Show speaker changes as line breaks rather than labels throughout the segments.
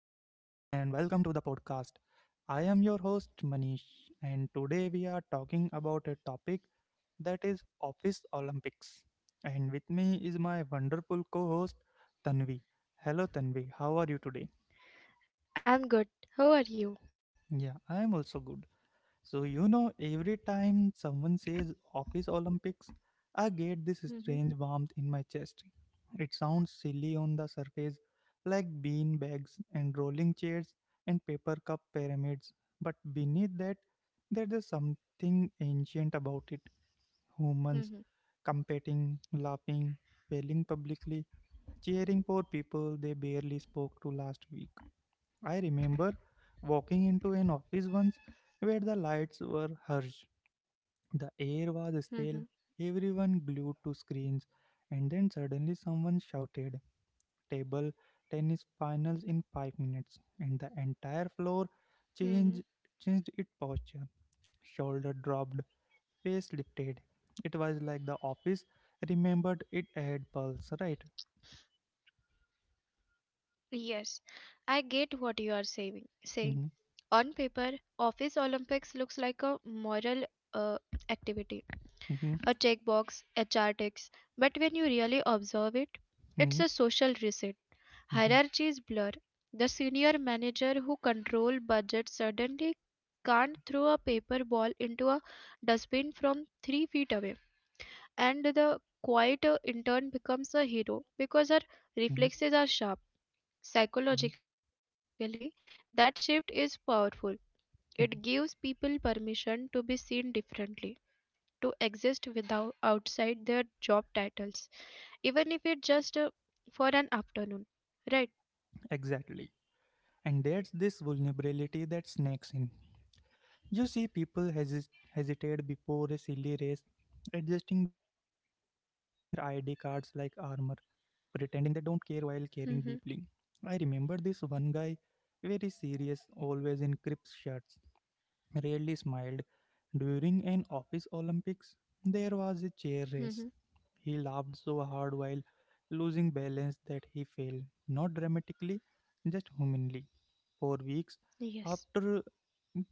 and welcome to the podcast. I am your host, Manish, and today we are talking about a topic that is Office Olympics. And with me is my wonderful co host, Tanvi. Hello, Tanvi, how are you today?
I'm
Yeah,
good.
I am
How are
also
you?
good. Every time someone says Office Olympics, I get this strange warmth in my chest.
Mm-hmm,
It sounds silly on the surface, like bean bags and rolling chairs and paper cup pyramids, but beneath that, there is something ancient about it. Humans competing,
mm-hmm,
laughing, failing publicly, cheering for people they barely spoke to last week. I remember walking into an office once where the lights were harsh the air was stale, everyone
mm-hmm,
glued to screens, and then suddenly someone shouted, Table tennis finals in 5 minutes, and the entire floor changed,
mm-hmm.
changed its posture. Shoulder dropped, face lifted. It was like the office remembered it had pulse, right?
Yes, I get what you are saying
Mhm,
on paper, Office Olympics looks like a moral uh, activity,
mhm,
a checkbox, HR ticks. But when you really observe it, it's
mhm,
a social reset.
mhm,
Hierarchies blur. The senior manager who control budget suddenly can't throw a paper ball into a dustbin from 3 feet away, and the quieter intern becomes a hero because
mhm,
her reflexes are sharp.
mhm,
Psychologically, that shift is powerful. It gives
mhm.
people permission to be seen differently, to exist without outside their job titles, even if it's just for an afternoon. Right?
Exactly. And that's this vulnerability that snakes in. You see people hesitate before a silly race, adjusting their ID cards like armor, pretending they don't care while caring deeply.
Mm-hmm.
I remember this one guy, very serious, always in crisp shirts, rarely smiled. During an office Olympics, there was a chair
Mm-hmm.
race. He laughed so hard while losing balance that he fell, not dramatically, just humanly for weeks.
Yes.
After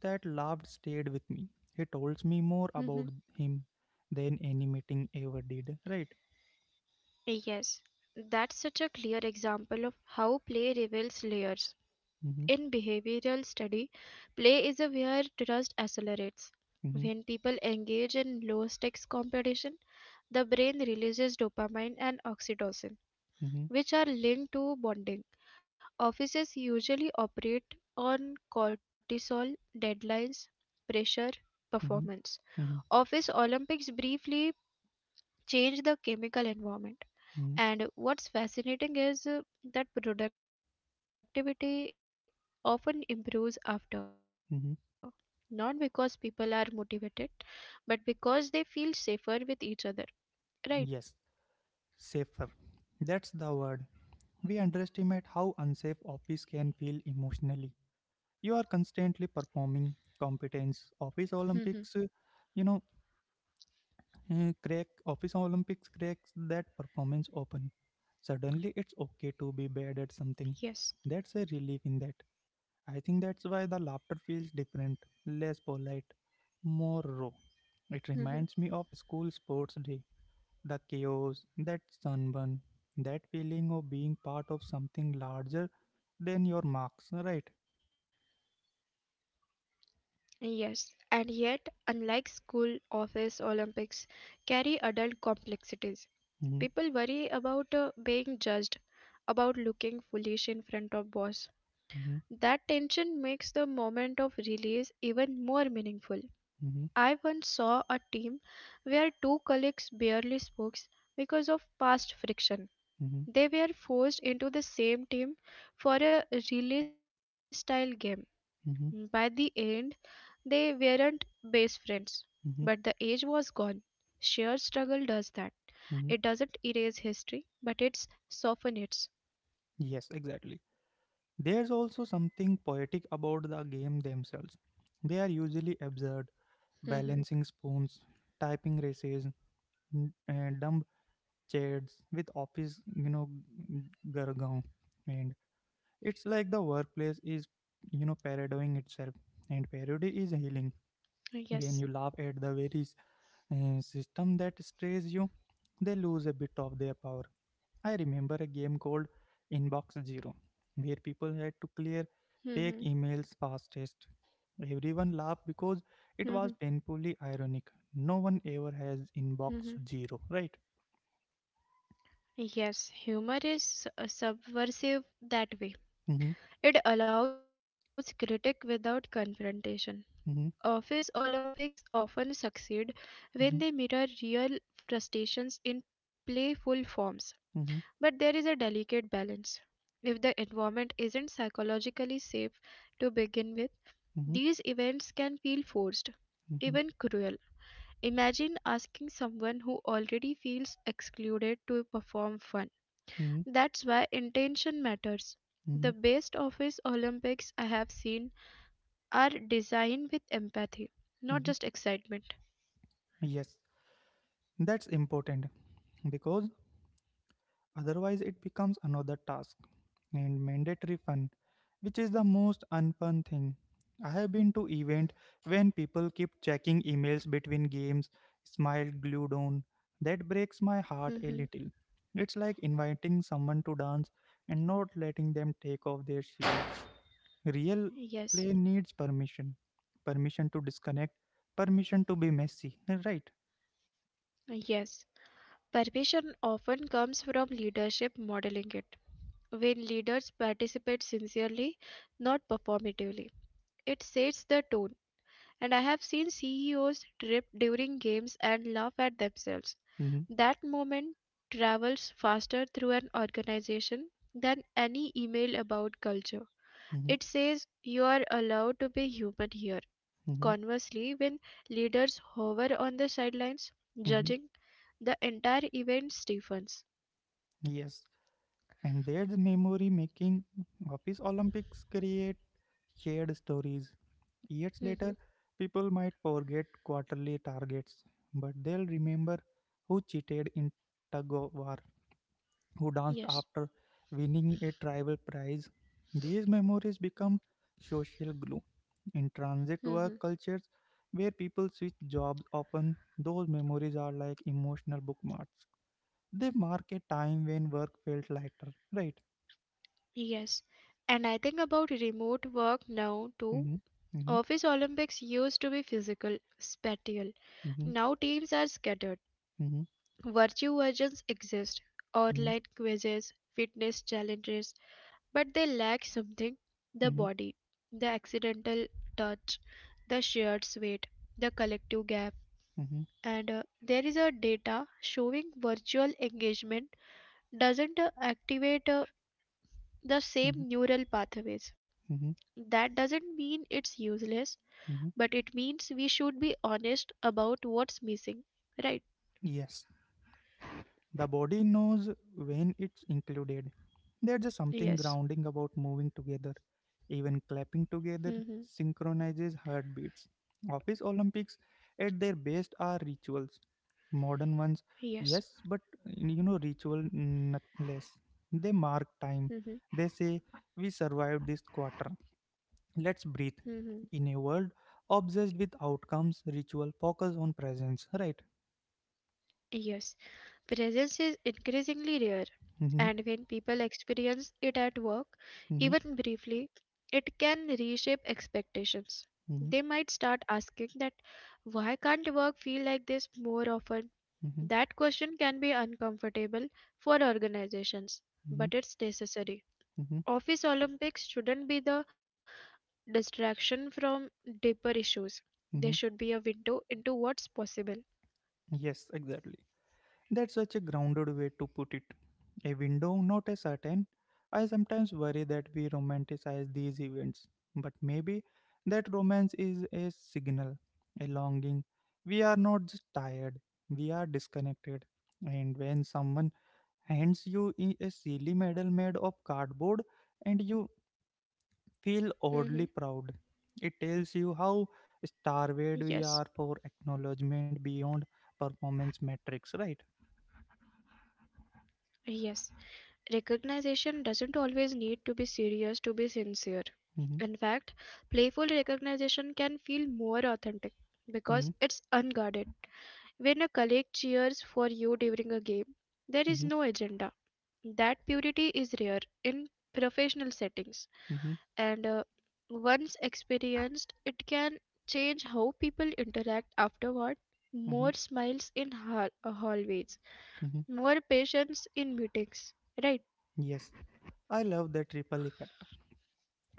that, love stayed with me. He told me more about
Mm-hmm.
him than any meeting ever did. Right?
Yes. That's such a clear example of how play reveals layers.
Mm-hmm,
In behavioral study, play is a where trust accelerates.
mm-hmm,
When people engage in low stakes competition, the brain releases dopamine and oxytocin,
mm-hmm,
which are linked to bonding. Offices usually operate on cortisol, deadlines, pressure, performance.
mm-hmm, mm-hmm,
Office Olympics briefly change the chemical environment.
mm-hmm,
And what's fascinating is that productivity often improves after, not because
mm-hmm.
people are motivated, but because they feel safer with each other, right?
Yes, safer. That's the word. We underestimate how unsafe office can feel emotionally. You are constantly performing
Mm-hmm.
competence. You know, Office olympics cracks that performance open suddenly it's okay to be bad at
Yes.
something that's a relief in that I think that's why the laughter feels different less polite more
hmm
raw it reminds me of school sports day the chaos that sunburn that feeling of being part of something larger than your marks right
Yes, and yet, unlike school, office, Olympics, carry adult complexities.
mm-hmm,
People worry about being judged, about looking foolish in front of boss.
hmm
That tension makes the moment of release even more meaningful.
hmm
I once saw a team where two colleagues barely spoke because of past friction.
hmm
They were forced into the same team for a relay style game. By the
hmm
end, they weren't best friends, but the age was gone. Sheer struggle does that. It doesn't
hmm
erase history, but it's soften it.
yes exactly. There's also something poetic about the game themselves. They are usually absurd,
Mhm,
balancing spoons, typing races, dumb chairs with office, g- jargon, and it's like the workplace is parodying itself. And parody is healing.
Yes.
When you laugh at the very system that strays you, they lose a bit of their power. I remember a game called Inbox Zero, where people had to clear
mhm,
fake emails fastest. Everyone laughed because
mhm,
it was painfully ironic. No one ever has
mhm.
Inbox Zero, right?
Yes, humor is subversive that way.
Mm-hmm,
It allows critique without confrontation. Office
mm-hmm,
Olympics often succeed when they mirror real frustrations in playful forms, but there
mm-hmm,
is a delicate balance. If the environment isn't psychologically safe to begin with, these
mm-hmm,
events can feel forced, even
mm-hmm,
cruel. Imagine asking someone who already feels excluded to perform fun.
mm-hmm,
That's why intention matters.
mm-hmm, mm-hmm.
The best office Olympics I have seen are designed with empathy, not
mm-hmm.
just excitement.
Yes, that's important because Otherwise, it becomes another task and mandatory fun, which is the most unfun thing. I have been to event when people keep checking emails between games, smile glued on. That breaks my heart a
Mhm.
little. It's like inviting someone to dance and not letting them take off their shoes. Real
Yes,
play needs permission. Permission to disconnect, permission to be messy, right?
yes. Permission often comes from leadership modeling it. When leaders participate sincerely, not performatively, it sets the tone. And I have seen CEOs trip during games and laugh at themselves.
Mm-hmm,
That moment travels faster through an organization than any email about culture.
mm-hmm,
It says you are allowed to be human here.
mm-hmm,
Conversely, when leaders hover on the sidelines,
mm-hmm.
judging the entire event stiffens.
Yes. And their memory making office Olympics create shared stories. Years
Mhm.
later, people might forget quarterly targets, but they'll remember who cheated in tug of war, who danced
Yes.
after winning a tribal prize. These memories become social glue. In transit
Mhm.
work cultures where people switch jobs often, those memories are like emotional bookmarks. They mark a time when work felt lighter, right?
Yes. And I think about remote work now too.
Mhm, mhm,
Office Olympics used to be physical, spatial.
mhm,
Now teams are scattered.
mhm,
Virtue versions exist,
mhm,
online quizzes, fitness challenges, but they lack something the
mhm,
body, the accidental touch, the shared sweat, the collective gap.
mhm,
And there is a data showing virtual engagement doesn't activate the
mhm,
same neural pathways.
mhm,
That doesn't mean it's useless,
mhm.
but it means we should be honest about what's missing, right?
Yes, the body knows when it's included. There's just something
Yes.
grounding about moving together. Even clapping
hmm
together synchronizes heartbeats. Office Olympics at their best are rituals. Modern ones,
yes.
yes, but ritual not less. They mark time.
hmm
They say, We survived this quarter. Let's breathe
hmm
in a world obsessed with outcomes ritual focus on presence right
yes. Presence is increasingly rare,
mm-hmm,
and when people experience it at work,
mm-hmm,
even briefly, it can reshape expectations.
mm-hmm,
They might start asking that why can't work feel like this more often?
mm-hmm,
That question can be uncomfortable for organizations,
mm-hmm,
but it's necessary.
mm-hmm,
Office Olympics shouldn't be the distraction from deeper issues. They should
mm-hmm.
be a window into what's possible.
yes exactly that's such a grounded way to put it a window not a certain I sometimes worry that we romanticize these events but maybe that romance is a signal a longing we are not just tired we are disconnected and when someone hands you a silly medal made of cardboard, and you
Mhm.
feel oddly proud. It tells you how
Yes.
starved we are for acknowledgement beyond performance metrics, right?
Yes. Recognition doesn't always need to be serious to be sincere. In fact,
Mm-hmm,
playful recognition can feel more authentic because it's
mm-hmm,
unguarded. When a colleague cheers for you during a game, there is
mm-hmm,
no agenda. That purity is rare in professional settings,
mm-hmm,
and once experienced, it can change how people interact afterward.
mm-hmm.
More smiles in hallways,
Mm-hmm.
more patience in meetings, right?
Yes, I love the triple effect.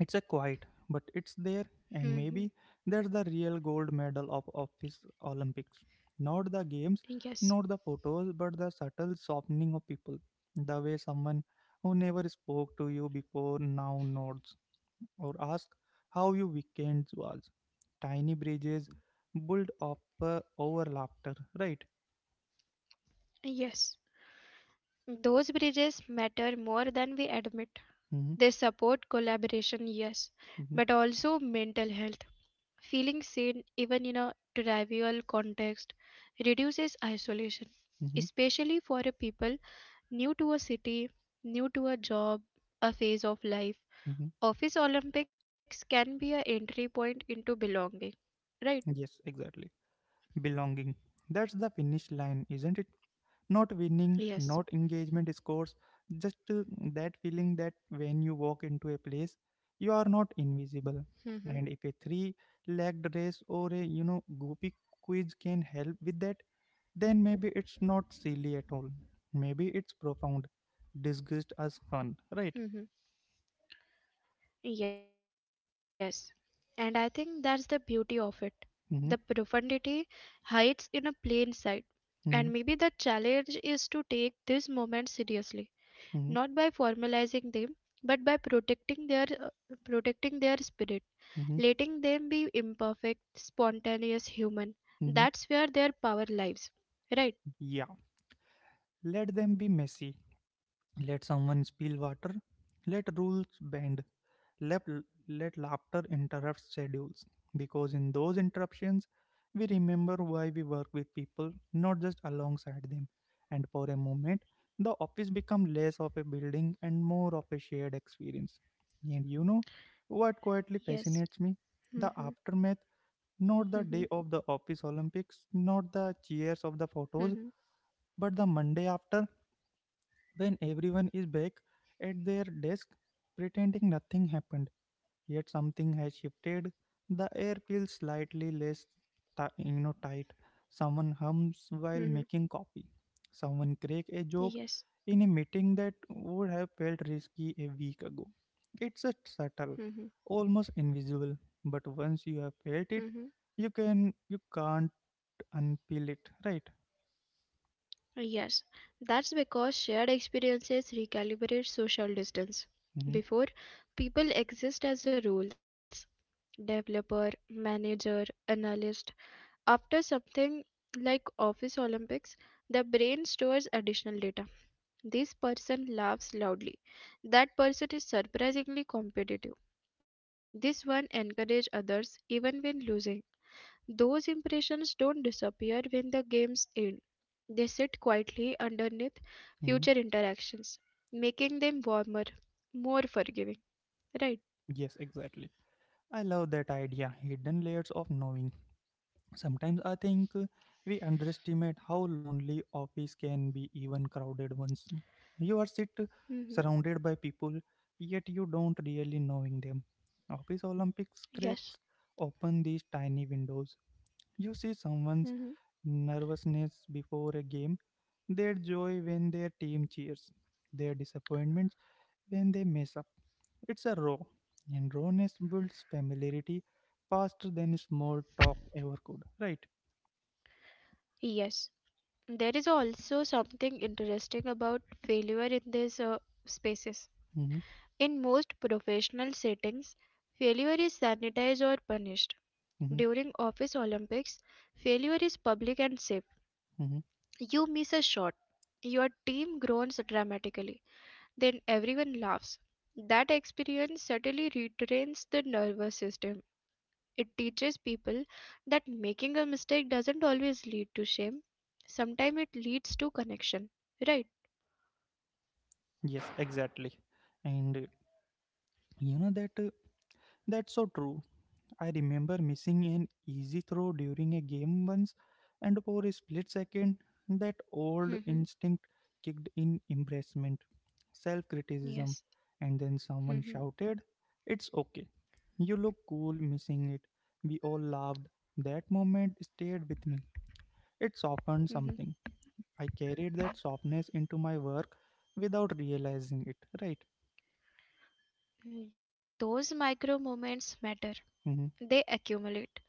It's a quiet, but it's there, and
hmm
maybe that's the real gold medal of office Olympics. Not the games,
Yes,
not the photos, but the subtle softening of people. The way someone who never spoke to you before now nods or asks how your weekend was. Tiny bridges built up over laughter, right?
yes. Those bridges matter more than we admit.
Mm-hmm,
They support collaboration, yes,
mm-hmm,
but also mental health. Feeling seen, even in a trivial context, reduces isolation,
mm-hmm,
especially for a people new to a city, new to a job, a phase of life.
mm-hmm.
Office Olympics can be an entry point into belonging, right?
Yes, exactly. Belonging. That's the finish line, isn't it? Not winning, not
Yes.
engagement scores, just that feeling that when you walk into a place, you are not invisible. And if
hmm
a three-legged race or a goopy quiz can help with that, then maybe it's not silly at all. Maybe it's profound, disgust as fun, right?
hmm Yes, and I think that's the beauty of it.
Mm-hmm,
The profundity hides in a plain sight,
mm-hmm,
and maybe the challenge is to take these moments seriously,
mm-hmm,
not by formalizing them, but by protecting their spirit,
mm-hmm,
letting them be imperfect, spontaneous, human.
mm-hmm.
That's where their power lies, right?
Yeah. Let them be messy. Let someone spill water. Let rules bend Let, let laughter interrupt schedules because in those interruptions, we remember why we work with people, not just alongside them. And for a moment, the office becomes less of a building and more of a shared experience. And you know what quietly
Yes.
fascinates me? The
Mm-hmm,
aftermath, not
mm-hmm,
the day of the office Olympics, not the cheers of the photos,
mm-hmm,
but the Monday after when everyone is back at their desk pretending nothing happened Yet something has shifted. The air feels slightly less, tight. Someone hums
mm-hmm.
while making coffee. Someone cracks a joke
Yes.
in a meeting that would have felt risky a week ago. It's a subtle,
Mm-hmm,
almost invisible, but once you have felt it,
mm-hmm.
you can't unpeel it, right?
Yes, that's because shared experiences recalibrate social distance.
Mm-hmm,
Before, people exist as a rules developer, manager, analyst. After something like Office Olympics, the brain stores additional data. This person laughs loudly. That person is surprisingly competitive. This one encourages others even when losing. Those impressions don't disappear when the games end. They sit quietly underneath
mm-hmm.
future interactions, making them warmer, more forgiving, right?
Yes, exactly. I love that idea. Hidden layers of knowing Sometimes I think we underestimate how lonely office can be, even crowded ones. You are sit
Mm-hmm.
Surrounded by people, yet you don't really knowing them. Office Olympics cracks
Yes.
open these tiny windows. You see someone's
Mm-hmm.
nervousness before a game, their joy when their team cheers, their disappointments when they mess up. It's a raw, and rawness builds familiarity faster than small talk ever could, right?
Yes, there is also something interesting about failure in these spaces.
Mm-hmm.
In most professional settings, failure is sanitized or punished.
Mhm,
During office Olympics, failure is public and safe.
mhm.
You miss a shot, your team groans dramatically. Then everyone laughs. That experience certainly retrains the nervous system. It teaches people that making a mistake doesn't always lead to shame. Sometimes it leads to connection. Right?
Yes, exactly. And you know that That's so true. I remember missing an easy throw during a game once, and for a split second, that old
Mm-hmm.
instinct kicked in embarrassment, self criticism,
Yes.
and then someone
Mm-hmm.
shouted, It's okay. You look cool missing it. We all laughed. That moment stayed with me. It softened something.
Mm-hmm.
I carried that softness into my work without realizing it, right?
Those micro moments matter.
Mm-hmm.
They accumulate.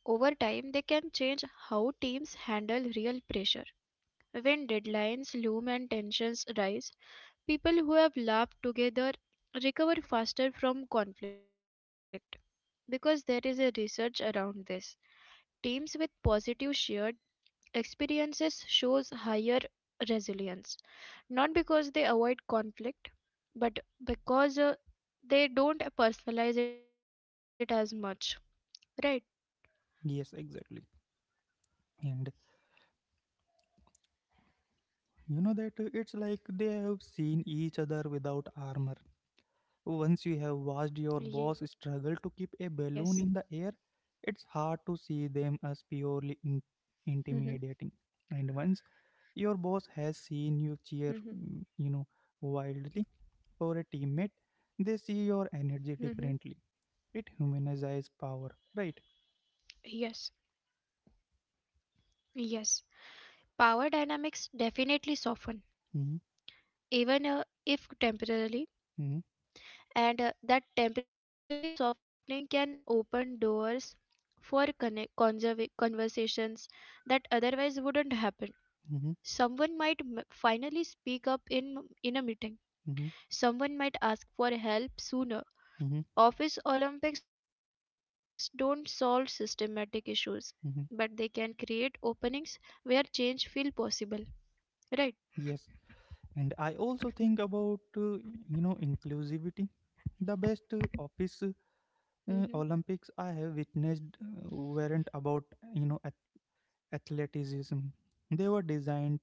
Over time, they can change how teams handle real pressure. When deadlines loom and tensions rise, people who have laughed together recover faster from conflict because there is a research around this. Teams with positive shared experiences shows higher resilience, not because they avoid conflict, but because they don't personalize it as much. Right?
Yes, exactly. And you know that It's like they have seen each other without armor. Once you have watched your
Yes.
boss struggle to keep a balloon in the air, it's hard to see them as
Mhm.
purely intimidating. And once your boss has
Mhm.
seen you cheer, wildly for a teammate, they see your
Mhm.
energy differently. It humanizes power, right?
Yes. Yes. Power dynamics definitely soften,
Mm-hmm,
even if temporarily.
mm-hmm,
And that temporary softening can open doors for conversations that otherwise wouldn't happen.
mm-hmm,
Someone might finally speak up in a meeting.
mm-hmm,
Someone might ask for help sooner.
mm-hmm.
Office Olympics don't solve systematic issues, but they can create
Mm-hmm.
openings where change feel possible. Right?
Yes, and I also think about inclusivity the best office
Mm-hmm.
olympics I have witnessed weren't about you know ath- athleticism they were designed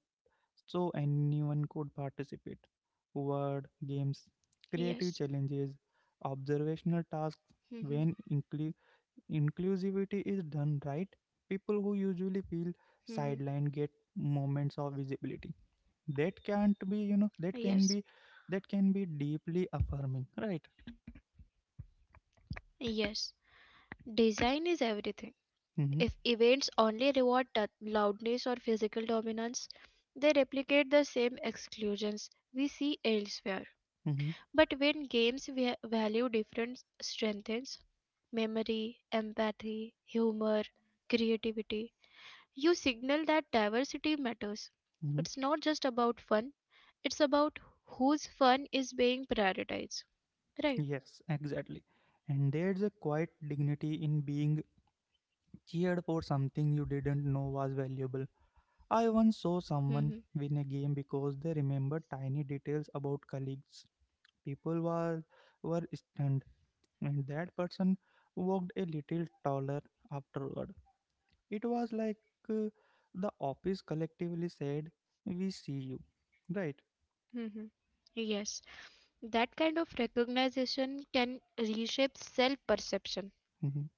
so anyone could participate word games
Yes.
creative challenges observational tasks
Mm-hmm.
when inclusivity is done right people who usually feel
Mm-hmm.
sidelined get moments of visibility that can't be you know
Yes.
that can be deeply affirming right
Yes. Design is everything. If
mm-hmm,
events only reward loudness or physical dominance, they replicate the same exclusions we see elsewhere.
mm-hmm,
But when games value different strengths, memory, empathy, humor, creativity, you signal that diversity matters.
mm-hmm.
It's not just about fun, it's about whose fun is being prioritized. Right?
yes exactly and there's a quiet dignity in being cheered for something you didn't know was valuable I once saw
hmm
someone win a game because they remembered tiny details about colleagues people were stunned and that person walked a little taller afterward It was like uh, the office collectively said, We see you, right?
hmm Yes. That kind of recognition can reshape self perception.
Mhm,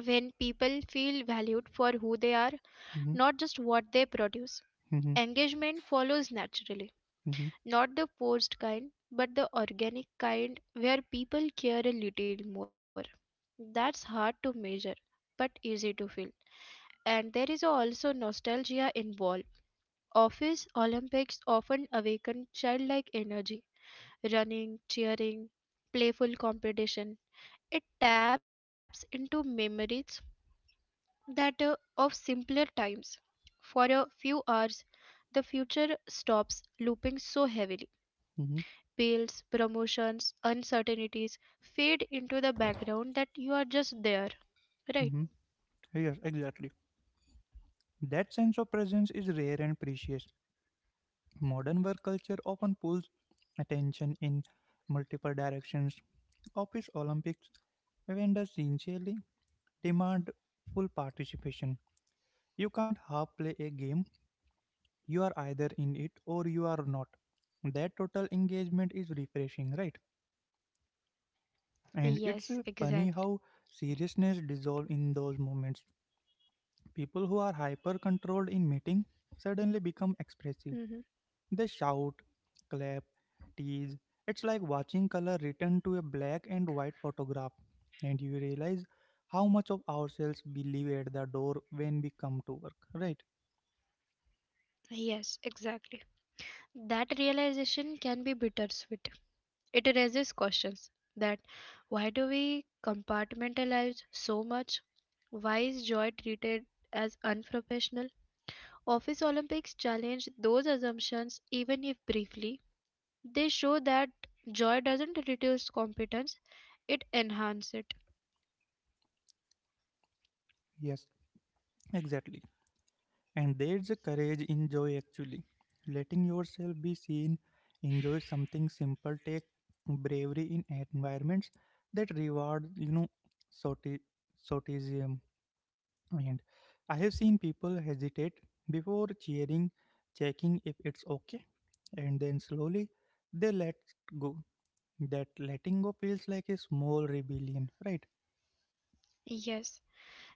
When people feel valued for who they are,
mhm,
not just what they produce,
mhm,
engagement follows naturally.
mhm,
Not the forced kind, but the organic kind where people care a little more. That's hard to measure, but easy to feel. And there is also nostalgia involved. Office Olympics often awaken childlike energy, running, cheering, playful competition. It taps into memories that of simpler times. For a few hours, the future stops looping so heavily.
mhm,
Bills, promotions, uncertainties fade into the background that you are just there, right?
mhm. Yes, exactly. That sense of presence is rare and precious. Modern work culture often pulls attention in multiple directions. Office Olympics vendors sincerely demand full participation. You can't half play a game, you are either in it or you are not. That total engagement is refreshing, right? And
Yes,
it's funny
exactly.
how seriousness dissolves in those moments. People who are hyper controlled in meeting suddenly become
hmm
expressive. They shout, clap, tease. It's like watching color return to a black and white photograph. And you realize how much of ourselves we leave at the door when we come to work. Right?
Yes, exactly. That realization can be bittersweet. It raises questions that why do we compartmentalize so much? Why is joy treated as unprofessional? Office Olympics challenge those assumptions even if briefly. They show that joy doesn't reduce competence, it enhances it.
Yes, exactly And there's a courage in joy actually. Letting yourself be seen, enjoy something simple, take bravery in environments that reward, sorti- sortism. And I have seen people hesitate before cheering, checking if it's okay, and then slowly they let go. That letting go feels like a small rebellion, right?
Yes,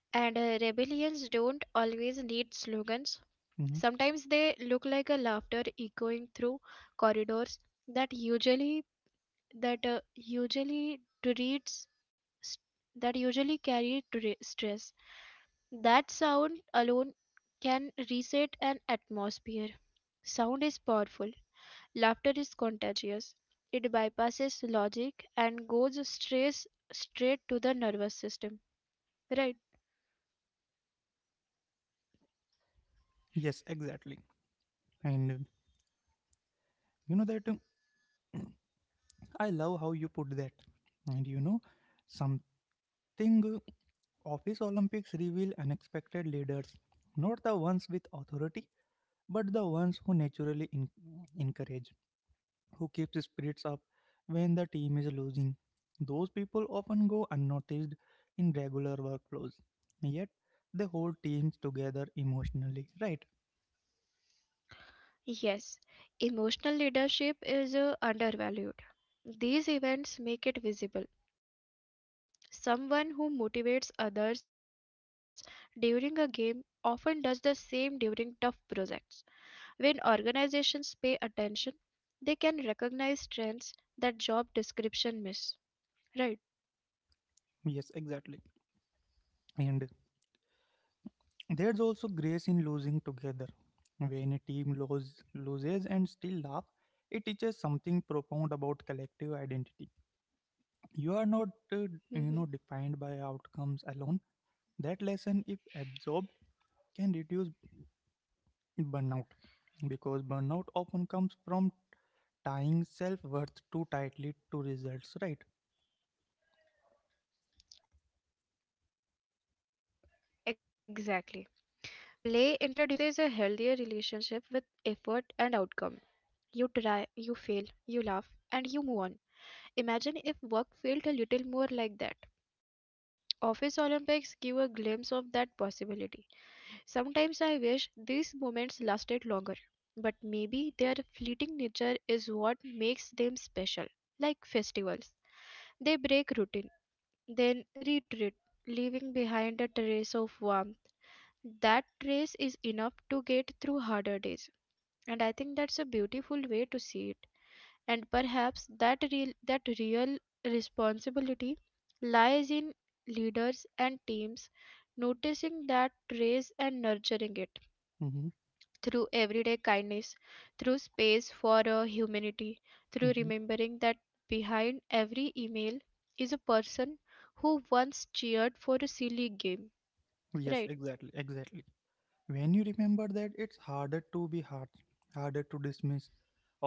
and rebellions don't always need slogans.
hmm
Sometimes they look like a laughter echoing through corridors that usually that uh, usually treats that usually carry stress. That sound alone can reset an atmosphere. Sound is powerful. Laughter is contagious. It bypasses logic and goes straight to the nervous system. Right?
Yes, exactly. And you know that I love how you put that. And you know, some think office Olympics reveal unexpected leaders, not the ones with authority, but the ones who naturally encourage, who keeps the spirits up when the team is losing. Those people often go unnoticed in regular workflows, yet they hold teams together emotionally, right?
Yes. Emotional leadership is undervalued. These events make it visible. Someone who motivates others during a game often does the same during tough projects. When organizations pay attention, they can recognize trends that job description miss. Right.
Yes, exactly. And there's also grace in losing together. When a team loses and still laugh, it teaches something profound about collective identity. You are not defined by
hmm
outcomes alone. That lesson, if absorbed, can reduce burnout, because burnout often comes from tying self-worth too tightly to results, right?
Exactly. Play introduces a healthier relationship with effort and outcome. You try, you fail, you laugh, and you move on. Imagine if work felt a little more like that. Office Olympics give a glimpse of that possibility. Sometimes I wish these moments lasted longer, but maybe their fleeting nature is what makes them special, like festivals. They break routine, then retreat, leaving behind a trace of warmth. That trace is enough to get through harder days, and I think that's a beautiful way to see it, and perhaps that real responsibility lies in leaders and teams noticing that trace and nurturing it
mm-hmm,
through everyday kindness, through space for a humanity, through
mm-hmm.
remembering that behind every email is a person who once cheered for a silly game, right?
Yes, exactly, exactly. When you remember that, it's harder to be hard, harder to dismiss.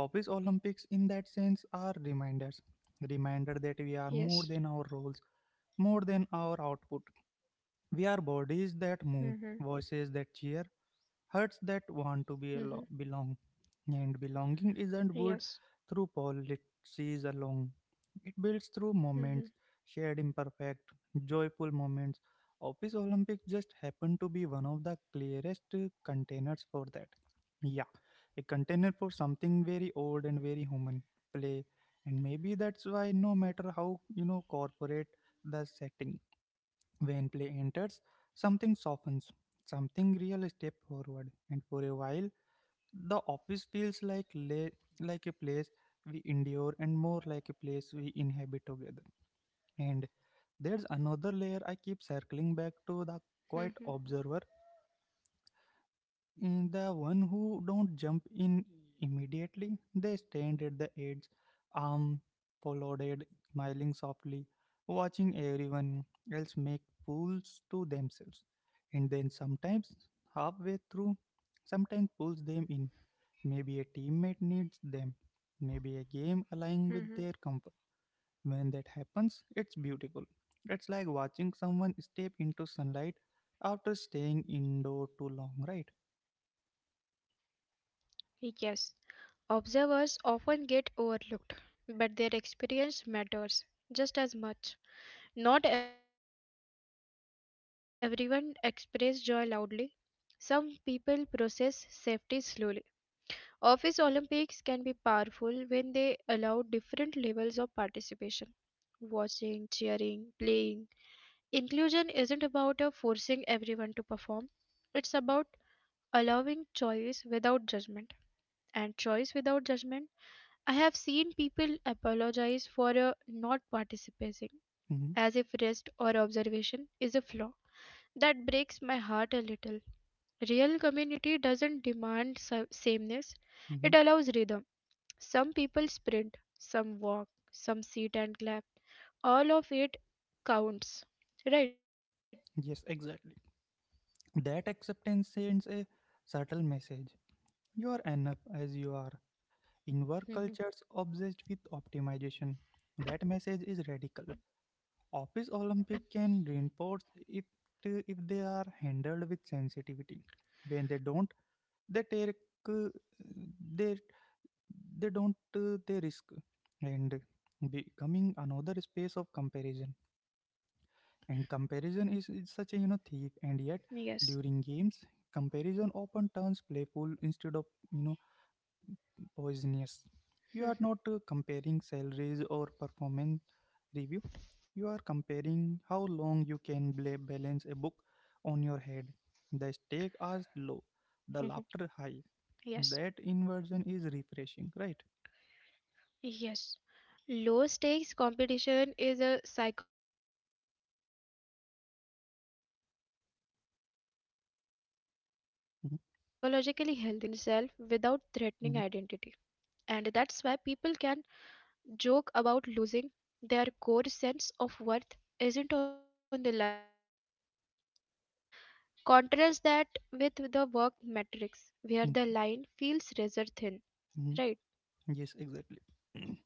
Office Olympics in that sense are reminders, reminder that we are more
Yes.
than our roles, more than our output. We are bodies
Mm-hmm.
that move, voices that cheer, hearts that want to
Mm-hmm.
belong. And belonging isn't
Yes.
built through policies alone. It builds through
Mm-hmm.
moments, shared imperfect, joyful moments. Office Olympics just happened to be one of the clearest containers for that. Yeah, a container for something very old and very human: play. And maybe that's why no matter how, corporate the setting, when play enters, something softens, something real step forward, and for a while, the office feels like a place we endure and more like a place we inhabit together. And there's another
Mm-hmm.
layer I keep circling back to: the quiet observer, and the one who don't jump in immediately. They stand at the edge, arm folded, smiling softly, watching everyone else make fools to themselves. And then sometimes halfway through, sometimes pulls them in. Maybe a teammate needs them. Maybe a game aligning with their
Mm-hmm.
comfort. When that happens, it's beautiful. It's like watching someone step into sunlight after staying indoor too long, right?
Yes. Observers often get overlooked, but their experience matters just as much. Not everyone expresses joy loudly. Some people process safety slowly. Office Olympics can be powerful when they allow different levels of participation watching, cheering, playing. Inclusion isn't about forcing everyone to perform, it's about allowing choice without judgment and choice without judgment. I have seen people apologize for not participating, as
Mm-hmm.
if rest or observation is a flaw. That breaks my heart a little. Real community doesn't demand sameness,
hmm
it allows rhythm. Some people sprint, some walk, some sit and clap. All of it counts, right?
Yes, exactly. That acceptance sends a subtle message: you are enough as you are.
hmm
In work cultures obsessed with optimization, that message is radical. Office Olympic can reinforce it if they are handled with sensitivity. When they don't, they take uh, they they don't they risk and becoming another space of comparison. And comparison is
Yes.
such a, thief, and yet during games, comparison often turns playful instead of, you know poisonous. You are not comparing salaries
hmm
or performance review. You are comparing how long you can balance a book on your head. The stakes are low, the
hmm
laughter high. That
Yes.
inversion is refreshing, right?
Yes. Low stakes competition is psychologically healthy. It satisfies the human desire
mm-hmm,
to taste oneself without threatening identity.
mm-hmm,
And that's why people can joke about losing. Their core sense of worth isn't on the line. Contrast that with the work metrics, where the line feels
mm-hmm.
razor thin, right?
mm-hmm. Yes, exactly.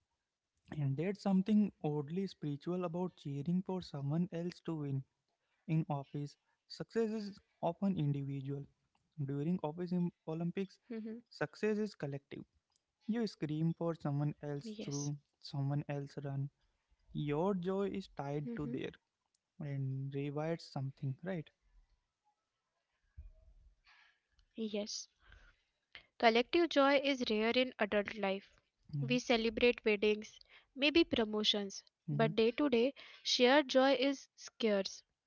And there's something oddly spiritual about cheering for someone else to win. In office, success is often individual. During Olympics,
hmm
success is collective. You scream for someone else through,
Yes.
someone else run. Your joy is tied to their,
hmm
and rewires something, right?
Yes. Collective joy is rare in adult life. We celebrate weddings, maybe promotions,
Mm-hmm.
but day to day, shared joy is scarce,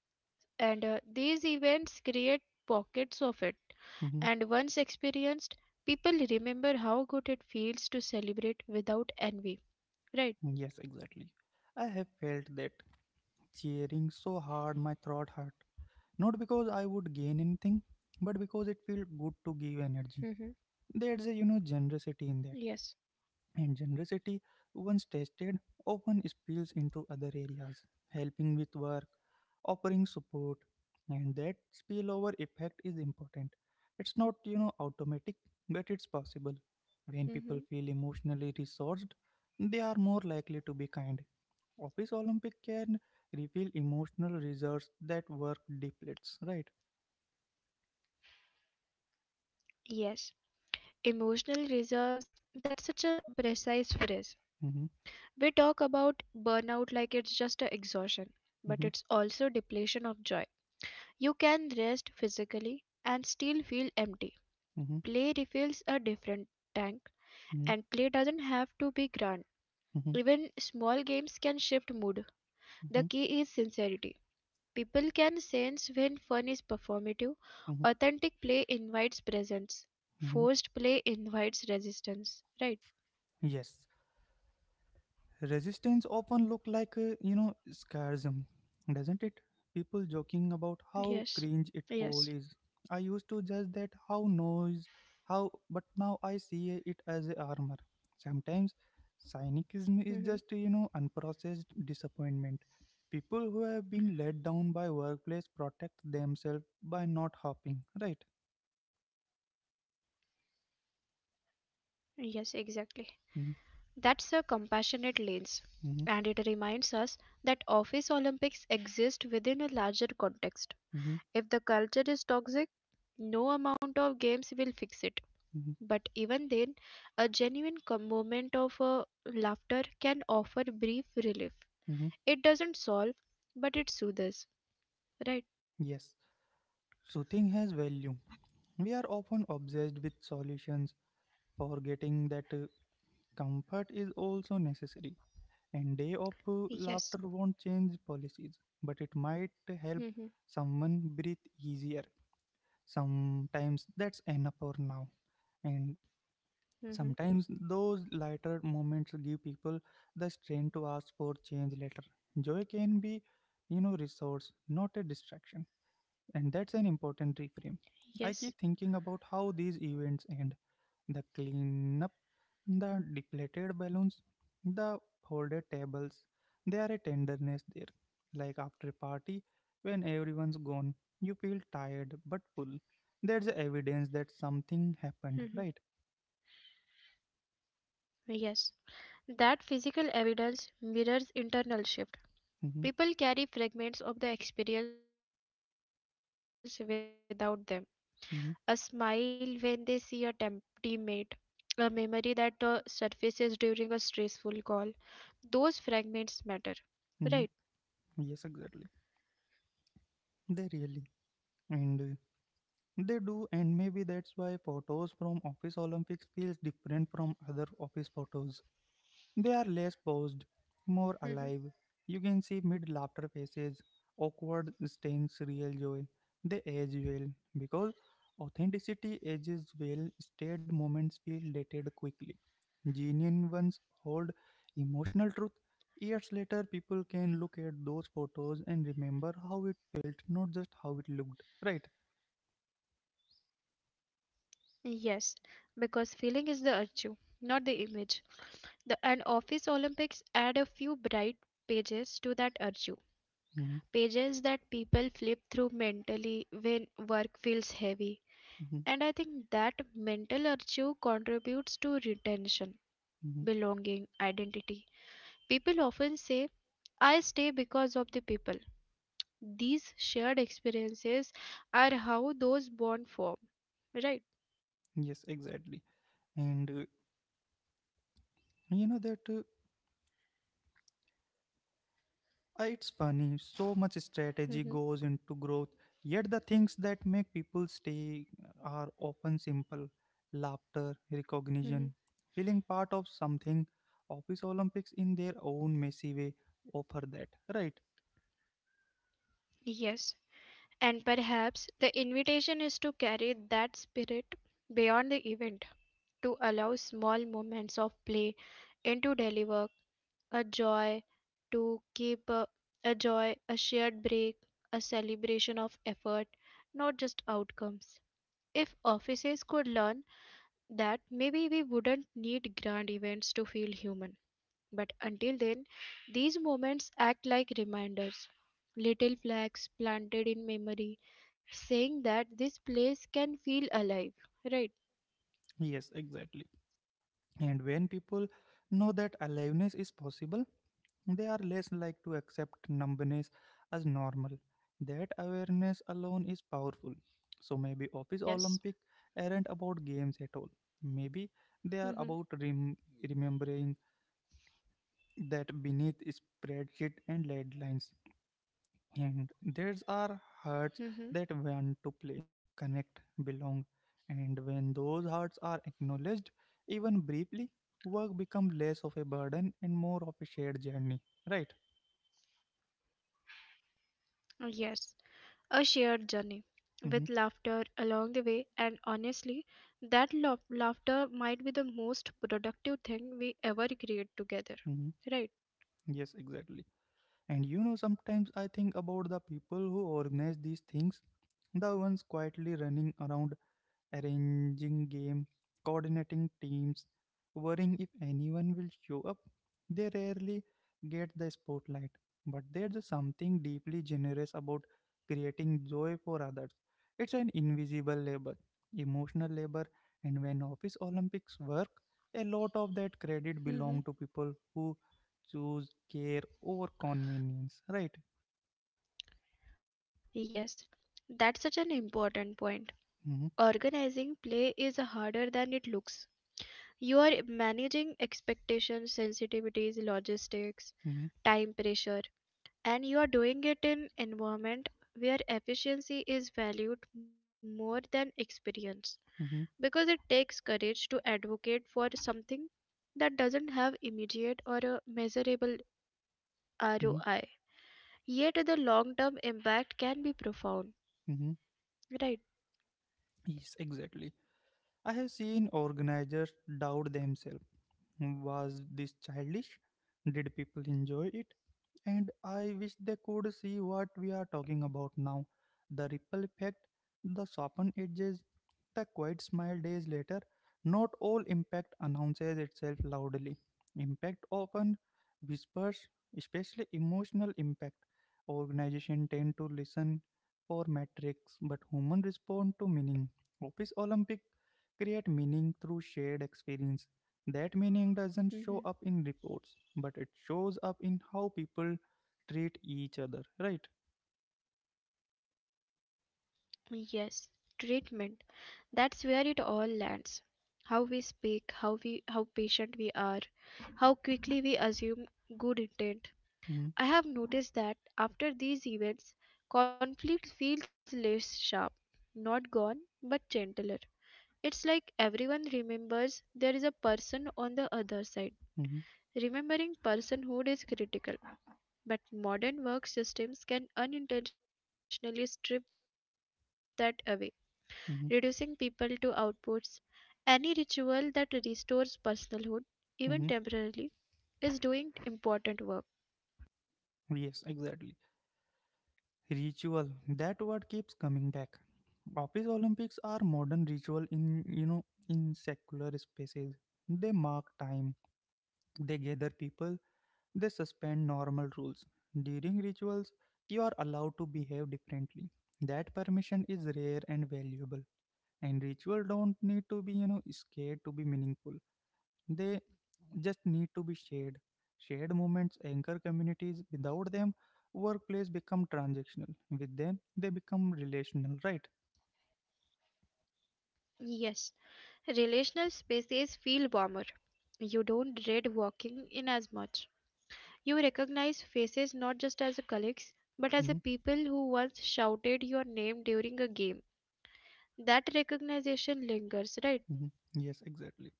and these events create pockets of it.
hmm
And once experienced, people remember how good it feels to celebrate without envy.
Yes,
Right?
exactly. I have felt that, cheering so hard my throat hurt, not because I would gain anything, but because it feels good to give energy.
Mm-hmm.
There's a, generosity in that,
Yes.
and generosity once tested often spills into other areas, helping with work, offering support, and that spillover effect is important. It's not, automatic, but it's possible. When people feel emotionally
Mm-hmm.
resourced, they are more likely to be kind. Office Olympic can reveal emotional reserves that work depletes, right?
Yes. Emotional reserves, that's such a precise phrase.
Mm-hmm.
We talk about burnout like it's just a exhaustion, but
Mhm,
it's also depletion of joy. You can rest physically and still feel empty.
mhm,
Play refills a different tank,
mhm,
and play doesn't have to be grand.
mhm,
Even small games can shift mood. The
mhm,
key is sincerity. People can sense when fun is performative.
mhm,
Authentic play invites presence.
mhm.
Forced play invites resistance. Right?
Yes, resistance often look like scarism, doesn't it? People joking about
Yes.
how cringe
Yes.
it all is. I used to judge that how noise, how, but now I see it as a armor. Sometimes cynicism is
hmm
just, unprocessed disappointment. People who have been let down by workplace protect themselves by not hopping, right?
Yes, exactly.
Mm-hmm,
That's a compassionate lens,
mm-hmm,
and it reminds us that office Olympics exist within a larger context.
mm-hmm,
If the culture is toxic, no amount of games will fix it. But even then, a genuine moment of laughter can offer brief relief.
mm-hmm.
It doesn't solve, but it soothes, right?
Yes, soothing has value. We are often obsessed with solutions, forgetting that comfort is also necessary. And day of laughter won't
Yes.
change policies, but it might help
hmm
someone breathe easier. Sometimes that's enough for now. And sometimes
hmm
those lighter moments give people the strength to ask for change later. Joy can be, resource, not a distraction. And that's an important reframe. I
Yes.
keep thinking about how these events end: the cleanup, the deflated balloons, the folded tables. There are a tenderness there. Like after a party, when everyone's gone, you feel tired but full. There's evidence that something
hmm
happened, right?
Yes. That physical evidence mirrors internal shift.
hmm
People carry fragments of the experience without them. A smile when they see a
hmm
teammate, a memory that surfaces during a stressful call. Those fragments matter, right?
hmm Yes, exactly. They really. And they do, and maybe that's why photos from Office Olympics feels different from other office photos. They are less posed,
Mhm.
more alive. You can see mid laughter faces, awkward stains, real joy. They age well because authenticity ages well. Staid moments feel dated quickly. Genuine ones hold emotional truth. Years later, people can look at those photos and remember how it felt, not just how it looked. Right?
Yes, because feeling is the virtue, not the image. The and office Olympics add a few bright pages to that virtue.
hmm
Pages that people flip through mentally when work feels heavy.
hmm
And I think that mental archive contributes to retention,
hmm
belonging, identity. People often say, I stay because of the people. These shared experiences are how those bonds form, right?
Yes, exactly. And you know that. It's funny, so much
Mm-hmm.
strategy goes into growth, yet the things that make people stay are often simple: laughter,
Mm-hmm.
recognition, feeling part of something. Office Olympics, in their own messy way, offer that, right?
Yes, and perhaps the invitation is to carry that spirit beyond the event, to allow small moments of play into daily work, a joy to keep a shared break, a celebration of effort, not just outcomes. If offices could learn that, maybe we wouldn't need grand events to feel human. But until then, these moments act like reminders, little flags planted in memory, saying that this place can feel alive, right?
Yes, exactly. And when people know that aliveness is possible, they are less like to accept numbness as normal. That awareness alone is powerful. So maybe Office Olympic
Yes.
aren't about games at all. Maybe they are about
Mm-hmm.
remembering that beneath spreadsheet and deadlines, and there's are hearts
Mm-hmm.
that want to play, connect, belong, and when those hearts are acknowledged, even briefly, work becomes less of a burden and more of a shared journey. Right?
Yes. A shared journey with
Mhm.
laughter along the way, and honestly that laughter might be the most productive thing we ever create together, right?
Yes, exactly. Sometimes I think about the people who organize these things, the ones quietly running around arranging games, coordinating teams, worrying if anyone will show up. They rarely get the spotlight, but there's something deeply generous about creating joy for others. It's an invisible labor, emotional labor, and when Office Olympics work, a lot of that credit
hmm
belong to people who choose care over convenience, right?
yes, that's such an important point.
Mm-hmm,
Organizing play is harder than it looks. You are managing expectations, sensitivities, logistics,
mm-hmm,
time pressure, and you are doing it in environment where efficiency is valued more than experience, because
mm-hmm,
it takes courage to advocate for something that doesn't have immediate or a measurable
mm-hmm.
ROI, yet the long term impact can be profound,
Mm-hmm.
right?
Yes, exactly. I have seen organizers doubt themselves. Was this childish? Did people enjoy it? And I wish they could see what we are talking about now: the ripple effect, the softened edges, the quiet smile days later. Not all impact announces itself loudly. Impact often whispers, especially emotional impact. Organizations tend to listen for metrics, but humans respond to meaning. Office Olympic create meaning through shared experience. That meaning doesn't show up in
hmm
reports, but it shows up in how people treat each other, right?
yes. Treatment, that's where it all lands. How we speak, how we how patient we are, how quickly we assume good intent.
Mhm,
I have noticed that after these events, conflict feels less sharp, not gone, but gentler. It's like everyone remembers there is a person on the other side.
mhm,
Remembering personhood is critical, but modern work systems can unintentionally strip that away, reducing people to
mhm,
outputs. Any ritual that restores personhood, even temporarily,
mhm.
is doing important work.
Yes, exactly. Ritual. That word keeps coming back. Office Olympics are modern ritual in, you know in secular spaces. They mark time, they gather people, they suspend normal rules. During rituals, you are allowed to behave differently. That permission is rare and valuable. And ritual don't need to be, scared to be meaningful. They just need to be shared. Shared moments anchor communities. Without them, workplace become transactional. With them, they become relational, right?
Yes, relational spaces feel warmer. You don't dread walking in as much. You recognize faces not just as a colleagues, but as a
Mhm,
people who once shouted your name during a game. That recognition lingers, right?
mhm. Yes, exactly.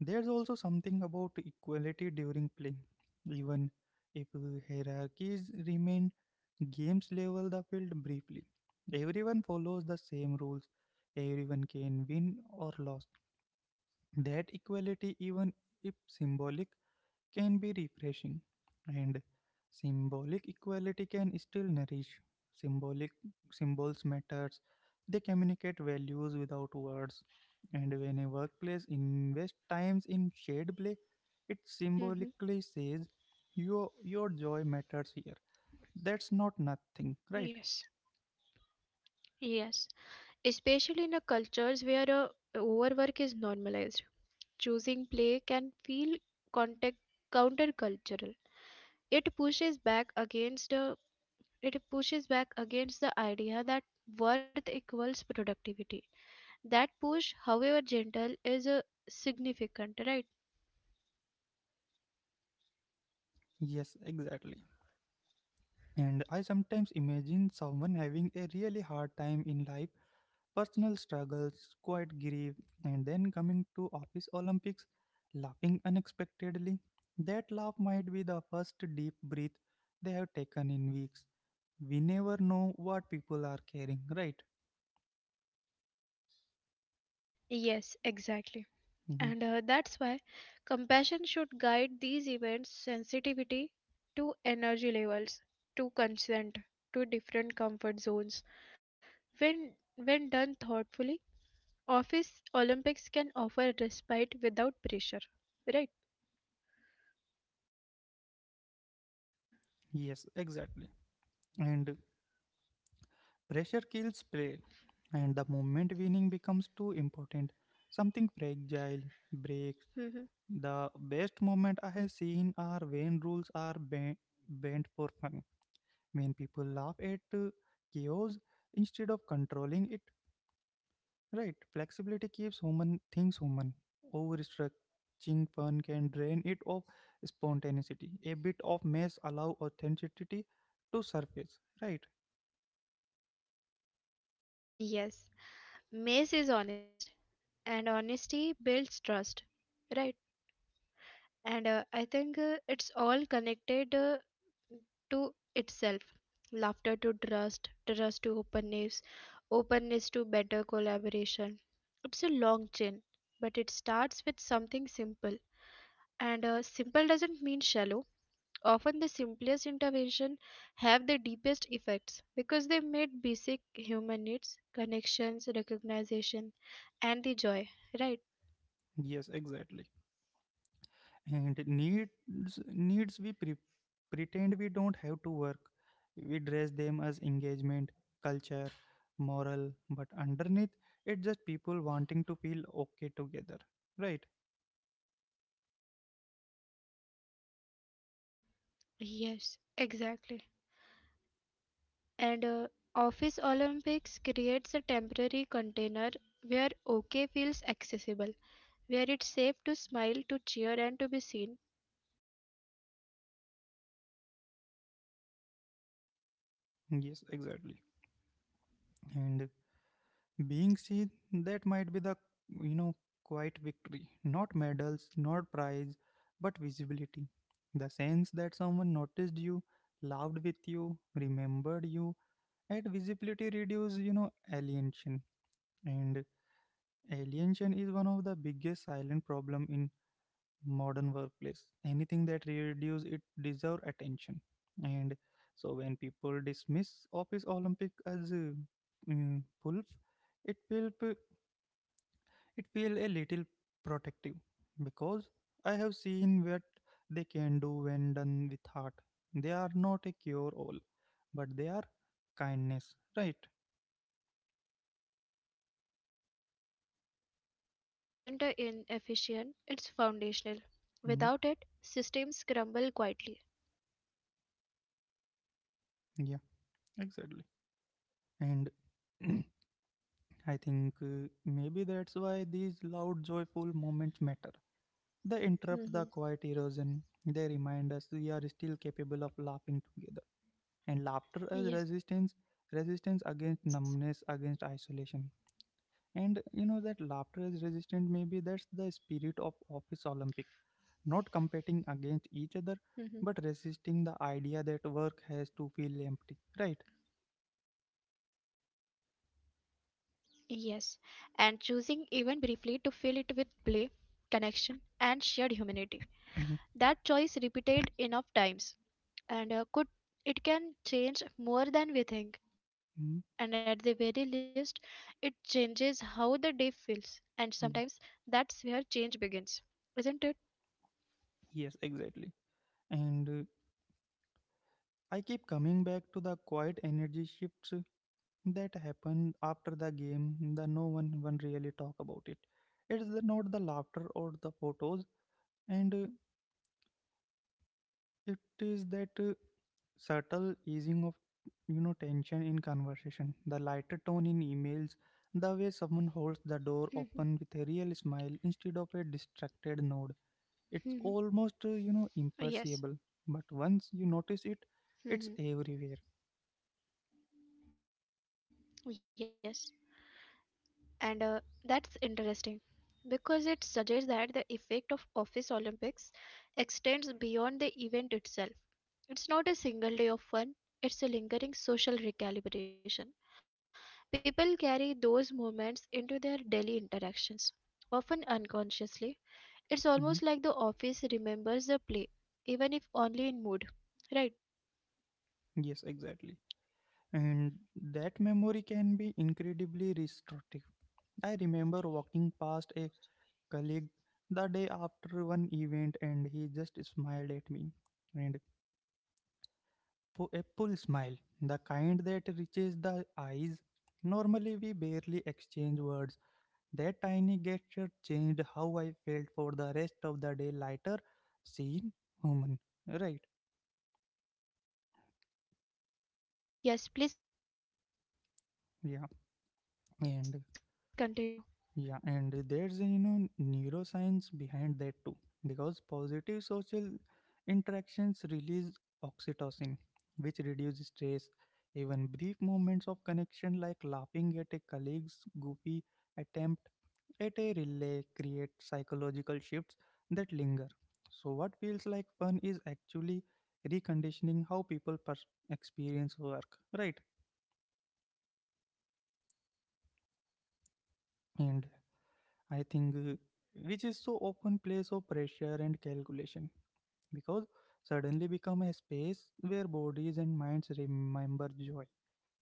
There's also something about equality during play. Even if hierarchies remain, games level the field briefly. Everyone follows the same rules. Everyone can win or lose. That equality, even if symbolic, can be refreshing, and symbolic equality can still nourish. Symbolic Symbols matters. They communicate values without words. And when a workplace invests times in shade play, it symbolically
hmm
says your joy matters here. That's not nothing,
Yes.
right?
Yes, especially in a cultures where overwork is normalized. Choosing play can feel contact countercultural. It pushes back against uh, It pushes back against the idea that worth equals productivity. That push, however gentle, is significant, right?
Yes, exactly. And I sometimes imagine someone having a really hard time in life, personal struggles, quiet grief, and then coming to office Olympics, laughing unexpectedly. That laugh might be the first deep breath they have taken in weeks. We never know what people are carrying, right?
Yes, exactly.
Mhm.
And that's why compassion should guide these events, sensitivity to energy levels, to consent, to different comfort zones. when when done thoughtfully, Office Olympics can offer respite without pressure, right?
Yes, exactly. And pressure kills play, and the moment winning becomes too important, something fragile
hmm
breaks. The best moment I have seen are when rules are bent, bent for fun, when people laugh at chaos instead of controlling it, right? Flexibility keeps human things human. Overstretching fun can drain it of spontaneity. A bit of mess allow authenticity to surface, right?
Yes, Mace is honest, and honesty builds trust, right? And I think it's all connected to itself. Laughter to trust, trust to openness, openness to better collaboration. It's a long chain, but it starts with something simple, and simple doesn't mean shallow. Often the simplest intervention have the deepest effects, because they meet basic human needs, connections, recognition, and the joy, right?
Yes, exactly. And needs needs we pretend we don't have to work, we dress them as engagement, culture, moral, but underneath, it's just people wanting to feel okay together, right?
Yes, exactly. And Office Olympics creates a temporary container where OK feels accessible, where it's safe to smile, to cheer, and to be seen.
Yes, exactly. And being seen, that might be the, you know, quiet victory. Not medals, not prize, but visibility. The sense that someone noticed you, laughed with you, remembered you, and visibility reduces, alienation. And alienation is one of the biggest silent problem in modern workplace anything that reduce it deserve attention and so when people dismiss office olympic as a pulp it will p- it feel a little protective because I have seen what they can do when done with heart they are not a cure all but they are kindness right.
Yes, and kindness isn't inefficient, it's foundational. Without it,
Mm,
systems crumble quietly.
yeah, exactly. And I think maybe that's why these loud, joyful moments matter. They interrupt
Mhm.
the quiet erosion. They remind us we are still capable of laughing together. And laughter as
Yes.
resistance, resistance against numbness, against isolation. And that laughter is resistance, maybe that's the spirit of Office Olympic. Not competing
Mhm.
against each other, but resisting the idea that work has to feel empty. Right?
Yes, and choosing even briefly to fill it with play, connection, and shared humanity. That choice repeated
Hmm.
enough times, and could it can change more than we think, and at the very least
Hmm.
it changes how the day feels, and sometimes that's where
Yeah.
change begins, isn't it?
Yes, exactly. And I keep coming back to the quiet energy shifts that happened after the game the no one really talk about it it's the, not the laughter or the photos and it is that subtle easing of tension in conversation the lighter tone in
Mhm,
emails the way someone holds the door open with a real smile instead of a
mhm,
distracted nod it's
yes
almost imperceptible but once you
mhm.
notice it it's everywhere.
Yes, and that's interesting, because it suggests that the effect of office olympics extends beyond the event itself. It's not a single day of fun, it's a lingering social recalibration. People carry those moments into their daily interactions, often unconsciously. It's almost like the office
Mhm.
remembers the play, even if only in mood. Right?
Yes, exactly. And that memory can be incredibly restrictive. I remember walking past a colleague the day after one event and he just smiled at me. And a pull smile, the kind that reaches the eyes. Normally, we barely exchange words. That tiny gesture changed how I felt for the rest of the day. Lighter, seen, human. Right.
Yes, please continue.
Yeah. And yeah, and there's a, neuroscience behind that too, because positive social interactions release oxytocin, which reduces stress. Even brief moments of connection, like laughing at a colleague's goofy attempt at a relay, create psychological shifts that linger. So, what feels like fun is actually reconditioning how people experience work, right? And I think, which is so often place of pressure and calculation because suddenly become a space where bodies and minds remember joy,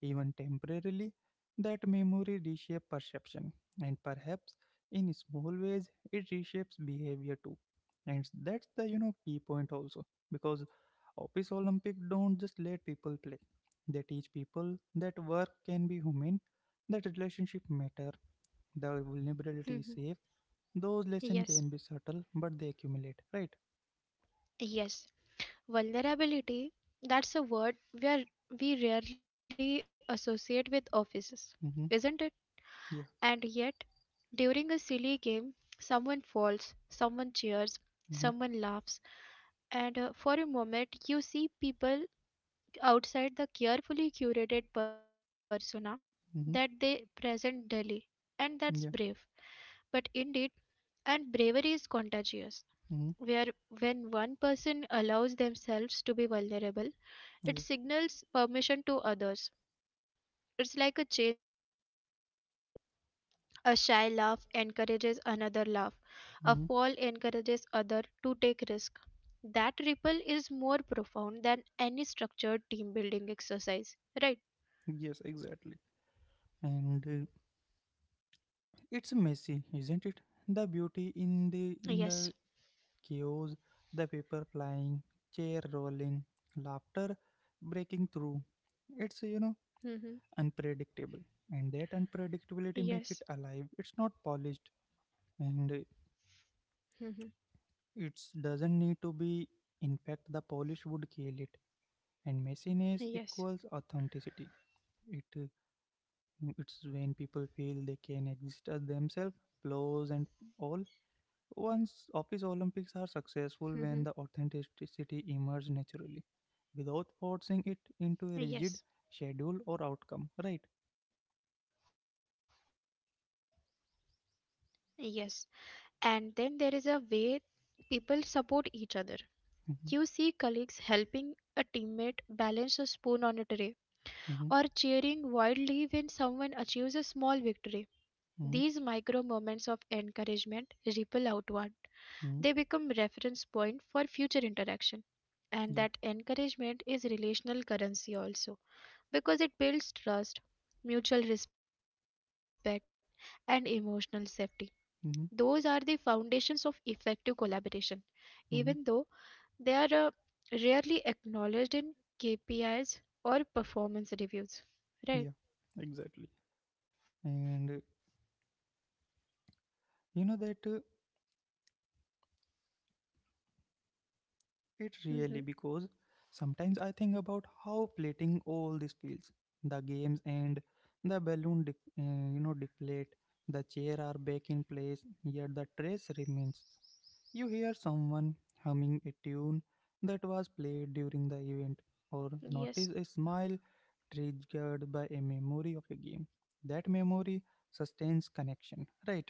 even temporarily. That memory reshapes perception, and perhaps in small ways it reshapes behavior too. And that's the key point also because office Olympic don't just let people play; they teach people that work can be human, that relationship matter, the
Mhm.
vulnerability is safe those lessons
Yes.
can be subtle, but they accumulate, right?
Yes. Vulnerability, that's a word we rarely associate with offices, isn't
Mm-hmm.
it?
Yeah.
And yet, during a silly game, someone falls, someone cheers,
Mm-hmm.
someone laughs, and for a moment you see people outside the carefully curated persona that
Mm-hmm.
they present daily, and that's brave.
Yeah.
But indeed, and bravery is contagious.
Mm-hmm.
Where When one person allows themselves to be vulnerable,
Yeah.
it signals permission to others. It's like a chain reaction. A shy laugh encourages another laugh.
Mm-hmm.
A fall encourages other to take risk. That ripple is more profound than any structured team building exercise. Right?
Yes, exactly. And it's messy, isn't it? The beauty in the
Yes.
chaos, the paper flying, chair rolling, laughter breaking through. It's unpredictable,
Mm-hmm.
and that unpredictability make it alive. It's
Yes.
not polished, and
Mm-hmm.
it doesn't need to be. In fact, the polish would kill it. And messiness equals
Yes.
authenticity. It uh, it's when people feel they can exist as themselves, flaws and all. Once office Olympics are
Mm-hmm.
successful when the authenticity emerges naturally, without forcing it into a rigid
Yes.
schedule or outcome. Right?
Yes. And then there is a way people support each other. You see colleagues helping
Mm-hmm,
a teammate balance a spoon on a tray, or cheering
mm-hmm,
wildly when someone achieves a small victory. These micro
mm-hmm,
moments of encouragement ripple outward. They become
mm-hmm,
reference point for future interaction. And that
yeah.
encouragement is relational currency also, because it builds trust, mutual respect and emotional safety. Those are the foundations
Mm-hmm,
of effective collaboration. Even though they
mm-hmm,
are rarely acknowledged in KPIs or performance reviews. Right?
yeah. Exactly. And you know that. It really because
hmm
sometimes I think about how plating all this feels. The games end, the balloon, deflate, the chair are back in place, yet the trace remains. You hear someone humming a tune that was played during the event, or notice a smile
Yes.
triggered by a memory of a game. That memory sustains
hmm
connection, right?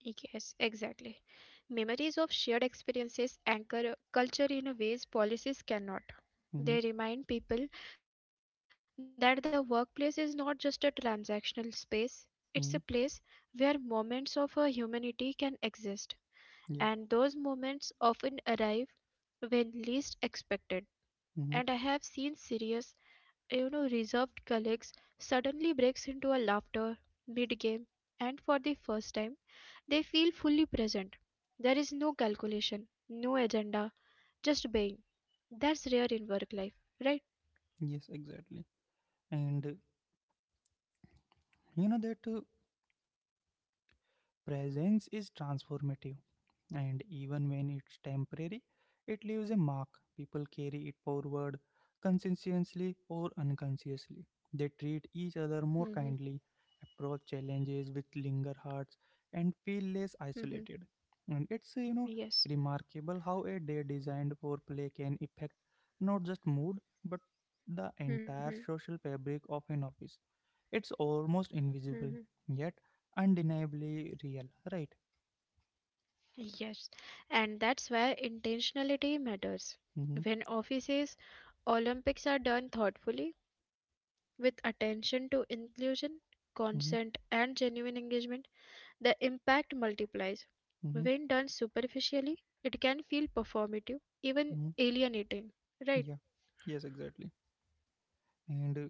Yes, exactly. Memories of shared experiences anchor culture in ways policies
Mm-hmm,
cannot. They remind people that the workplace is not just a transactional space, it's a
mm-hmm,
place where moments of humanity can exist.
yeah,
And those moments often arrive when least expected.
mm-hmm,
And I have seen serious, you know, reserved colleagues, suddenly breaks into a laughter mid-game, and for the first time, they feel fully present. There is no calculation, no agenda, just being. That's rare in work life, right?
yes, exactly. And you know that. Presence is transformative, and even when it's temporary, it leaves a mark. People carry it forward conscientiously or unconsciously. They treat each other more
Mm-hmm.
kindly, approach challenges with linger hearts, and feel less
Mm-hmm.
isolated. And it's
Yes.
remarkable how a day designed for play can affect not just mood but the
Mm-hmm.
entire social fabric of an office. It's almost
Mm-hmm.
invisible, yet undeniably real, right?
Yes. And that's why intentionality matters.
Mm-hmm,
When offices, Olympics are done thoughtfully, with attention to inclusion, consent, and
mm-hmm,
genuine engagement, the impact multiplies. When
mm-hmm,
done superficially, it can feel performative, even
mm-hmm.
alienating. Right?
Yeah, yes, exactly. And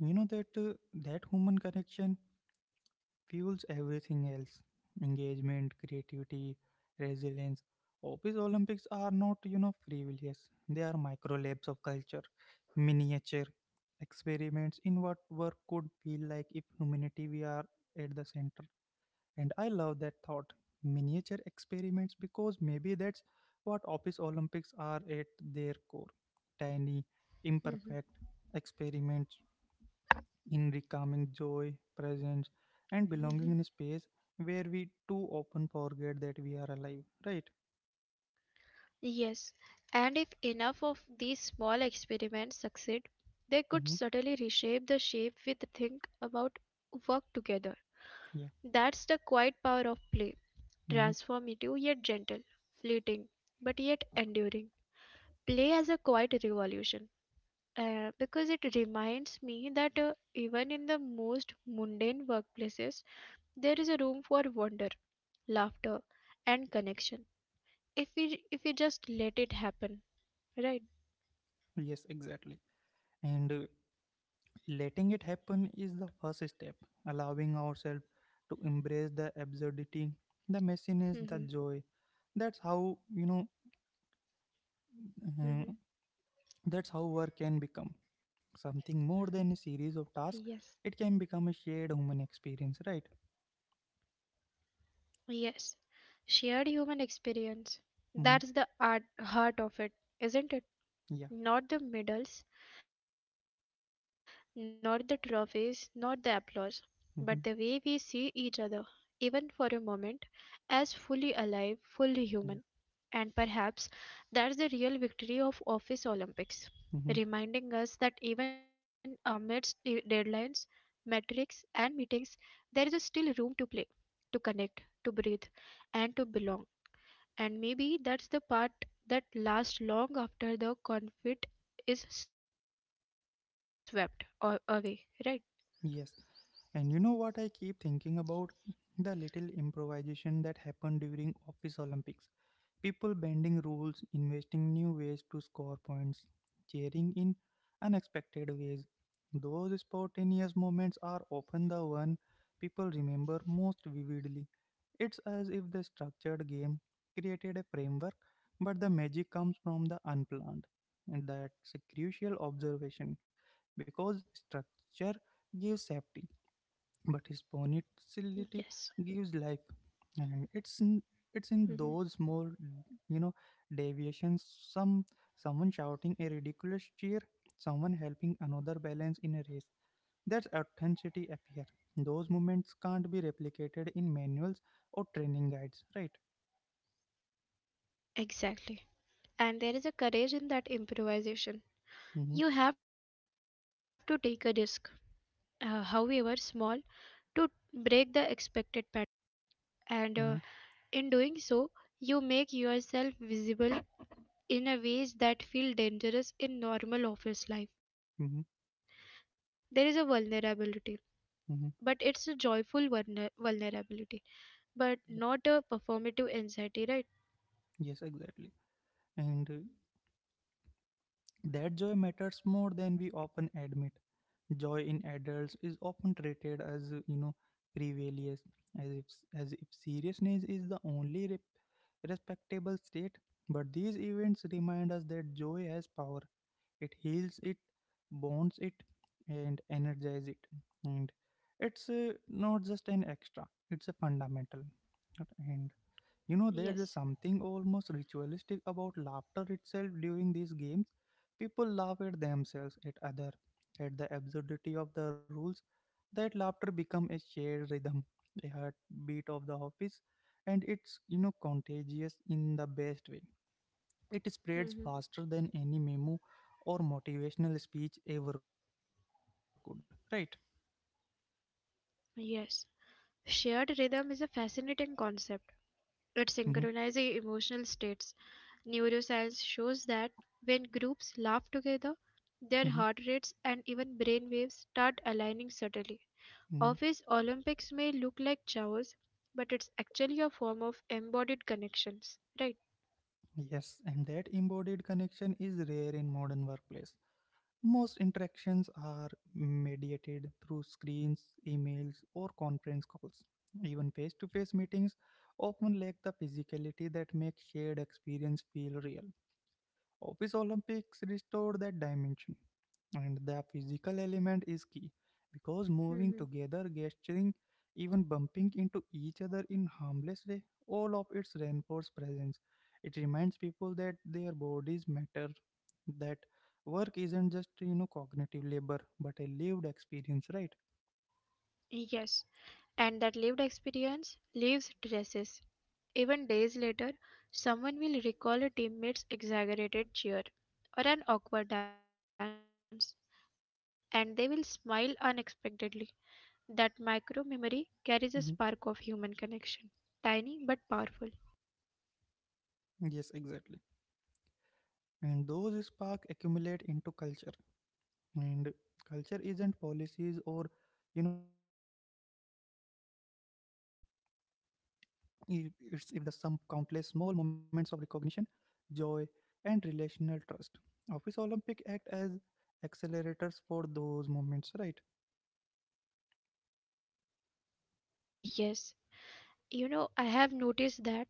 you know that uh, that human connection fuels everything else engagement, creativity, resilience. Office Olympics are not, frivolous. They are micro labs of culture, miniature experiments in what work could feel like if humanity we are at the center. And I love that thought. Miniature experiments because maybe that's what Office Olympics are at their core. Tiny,
Mhm,
imperfect experiments in reclaiming joy, presence, and
mhm.
belonging in a space where we too often forget that we are alive, right?
Yes, and if enough of these small experiments succeed, they could
Hmm.
subtly reshape the shape we think about work together.
Yeah.
That's the quiet power of play,
Hmm.
transformative yet gentle, fleeting but yet enduring. Play as a quiet revolution. Because it reminds me that even in the most mundane workplaces, there is a room for wonder, laughter, and connection. If we just let it happen, right?
Yes, exactly. And letting it happen is the first step, allowing ourselves to embrace the absurdity, the messiness, the
Mhm,
joy that's how Uh,
mhm.
that's how work can become something more than a series
Yes,
of tasks. It can become a shared human experience, right?
yes. Shared human experience.
Hmm.
That's the heart of it, isn't it?
Yeah.
Not the medals, not the trophies, not the applause, but the way we see each
Hmm.
other, even for a moment, as fully alive, fully human. And
Yeah.
perhaps that's the real victory of Office Olympics, reminding
Hmm.
us that even amidst deadlines, metrics, and meetings, there is still room to play, to connect, to breathe, and to belong. And maybe that's the part that lasts long after the conflict is swept or away, right?
Yes. And you know what I keep thinking about? The little improvisation that happened during Office Olympics. People bending rules, investing new ways to score points, cheering in
hmm
unexpected ways. Those spontaneous moments are often the one people remember most vividly. It's as if the structured game created a framework, but the magic comes from the unplanned. And that's a crucial observation because structure gives safety, but
Yes.
spontaneity gives life. And it's
hmm
in those more, you know, deviations. Some Someone shouting a ridiculous cheer, someone helping another balance in a race, that's authenticity appear. Those moments can't be replicated in manuals or training guides, right?
Exactly. And there is a courage in that improvisation.
Mm-hmm,
You have to take a risk, however small, to break the expected pattern, and
mm-hmm,
in doing so you make yourself visible in a ways that feel dangerous in normal office life.
mm-hmm,
There is a vulnerability,
mm-hmm.
but it's a joyful vulnerability, but not a performative anxiety, right?
Yes, exactly. And that joy matters more than we often admit. Joy in adults is often treated as frivolous as if as if seriousness is the only respectable state but these events remind us that joy has power it heals it bonds it and energizes it and it's not just an extra it's a fundamental and there's a something
Yes.
almost ritualistic about laughter itself during these games. People laugh at themselves, at other, at the absurdity of the rules. That laughter become a shared rhythm, a heartbeat of the office, and it's contagious in the best way. It spreads faster
hmm
than any memo or motivational speech ever could. Right?
yes, shared rhythm is a fascinating concept
Mm-hmm,
at synchronizing emotional states. Neuroscience shows that when groups laugh together,
mm-hmm,
their heart rates and even brain waves start aligning subtly.
mm-hmm.
Office Olympics may look like chaos, but it's actually a form of embodied connections, right?
Yes, and that embodied connection is rare in modern workplace. Most interactions are mediated through screens, emails, or conference calls. Even face to face meetings often lack the physicality that makes shared experience feel real. Office Olympics restored that dimension and the physical element is key because moving together gesturing even bumping into each other in harmless way all of its reinforced presence it reminds people that their bodies matter that work isn't just cognitive labor but a lived experience right.
Yes, and that lived experience leaves traces. Even days later, someone will recall a teammate's exaggerated cheer or an awkward dance, and they will smile unexpectedly. That micro memory carries a spark of human
Mhm.
connection, tiny but powerful.
Yes, exactly. And those spark accumulate into culture. And culture isn't policies or mission statement. I- It's if the sum countless small moments of recognition joy, and relational trust. Office Olympic act as accelerators for those moments, right?
Yes, you know, I have noticed that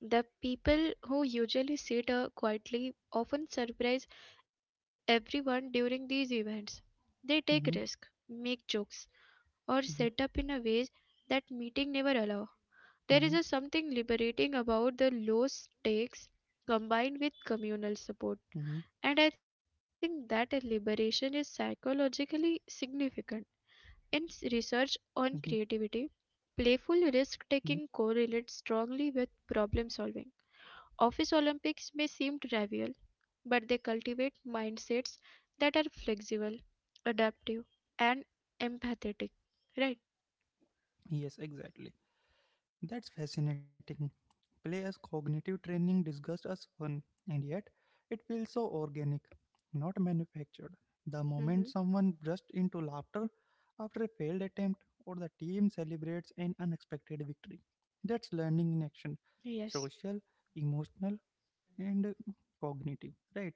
the people who usually sit quietly often surprise everyone during these events. They take
Mm-hmm,
risk, make jokes, or
mm-hmm,
set up in a ways that meeting never allow. There is a
mm-hmm,
something liberating about the low stakes combined with communal support.
mm-hmm,
And I think that a liberation is psychologically significant. In
mm-hmm,
research on creativity, playful risk
mm-hmm.
taking correlates strongly with problem solving. Office Olympics may seem trivial, but they cultivate mindsets that are flexible, adaptive, and empathetic. Right?
Yes, exactly. That's fascinating. Play as cognitive training disguised as fun, and yet it feels so organic, not manufactured. The
Mhm.
moment someone bursts into laughter after a failed attempt, or the team celebrates an unexpected victory. That's learning in action,
Yes,
social, emotional, and cognitive right.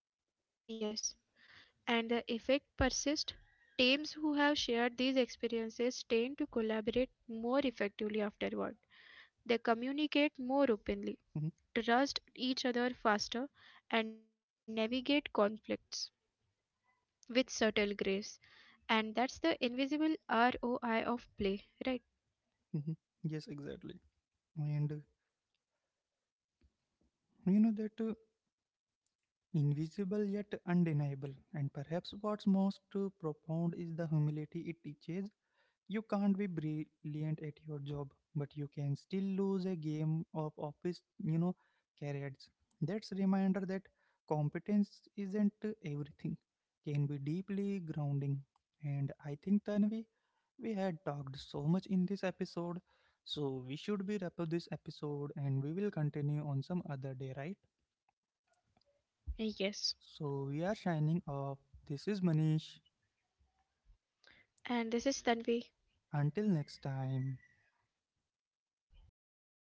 yes. And the effect persists. Teams who have shared these experiences tend to collaborate more effectively afterward. They communicate more
Hmm.
openly, trust each other faster, and navigate conflicts with subtle grace. And that's the invisible ROI of play, right?
Hmm. Yes, exactly. And you know that invisible yet undeniable and perhaps what's most profound is the humility it teaches. You can't be brilliant at your job, but you can still lose a game of office, carrots. That's a reminder that competence isn't everything, can be deeply grounding. And I think, Tanvi, we had talked so much in this episode, so we should be wrap up this episode and we will continue on some other day, right?
Yes.
So we are shining off. This is Manish.
And this is Tanvi.
Until next time.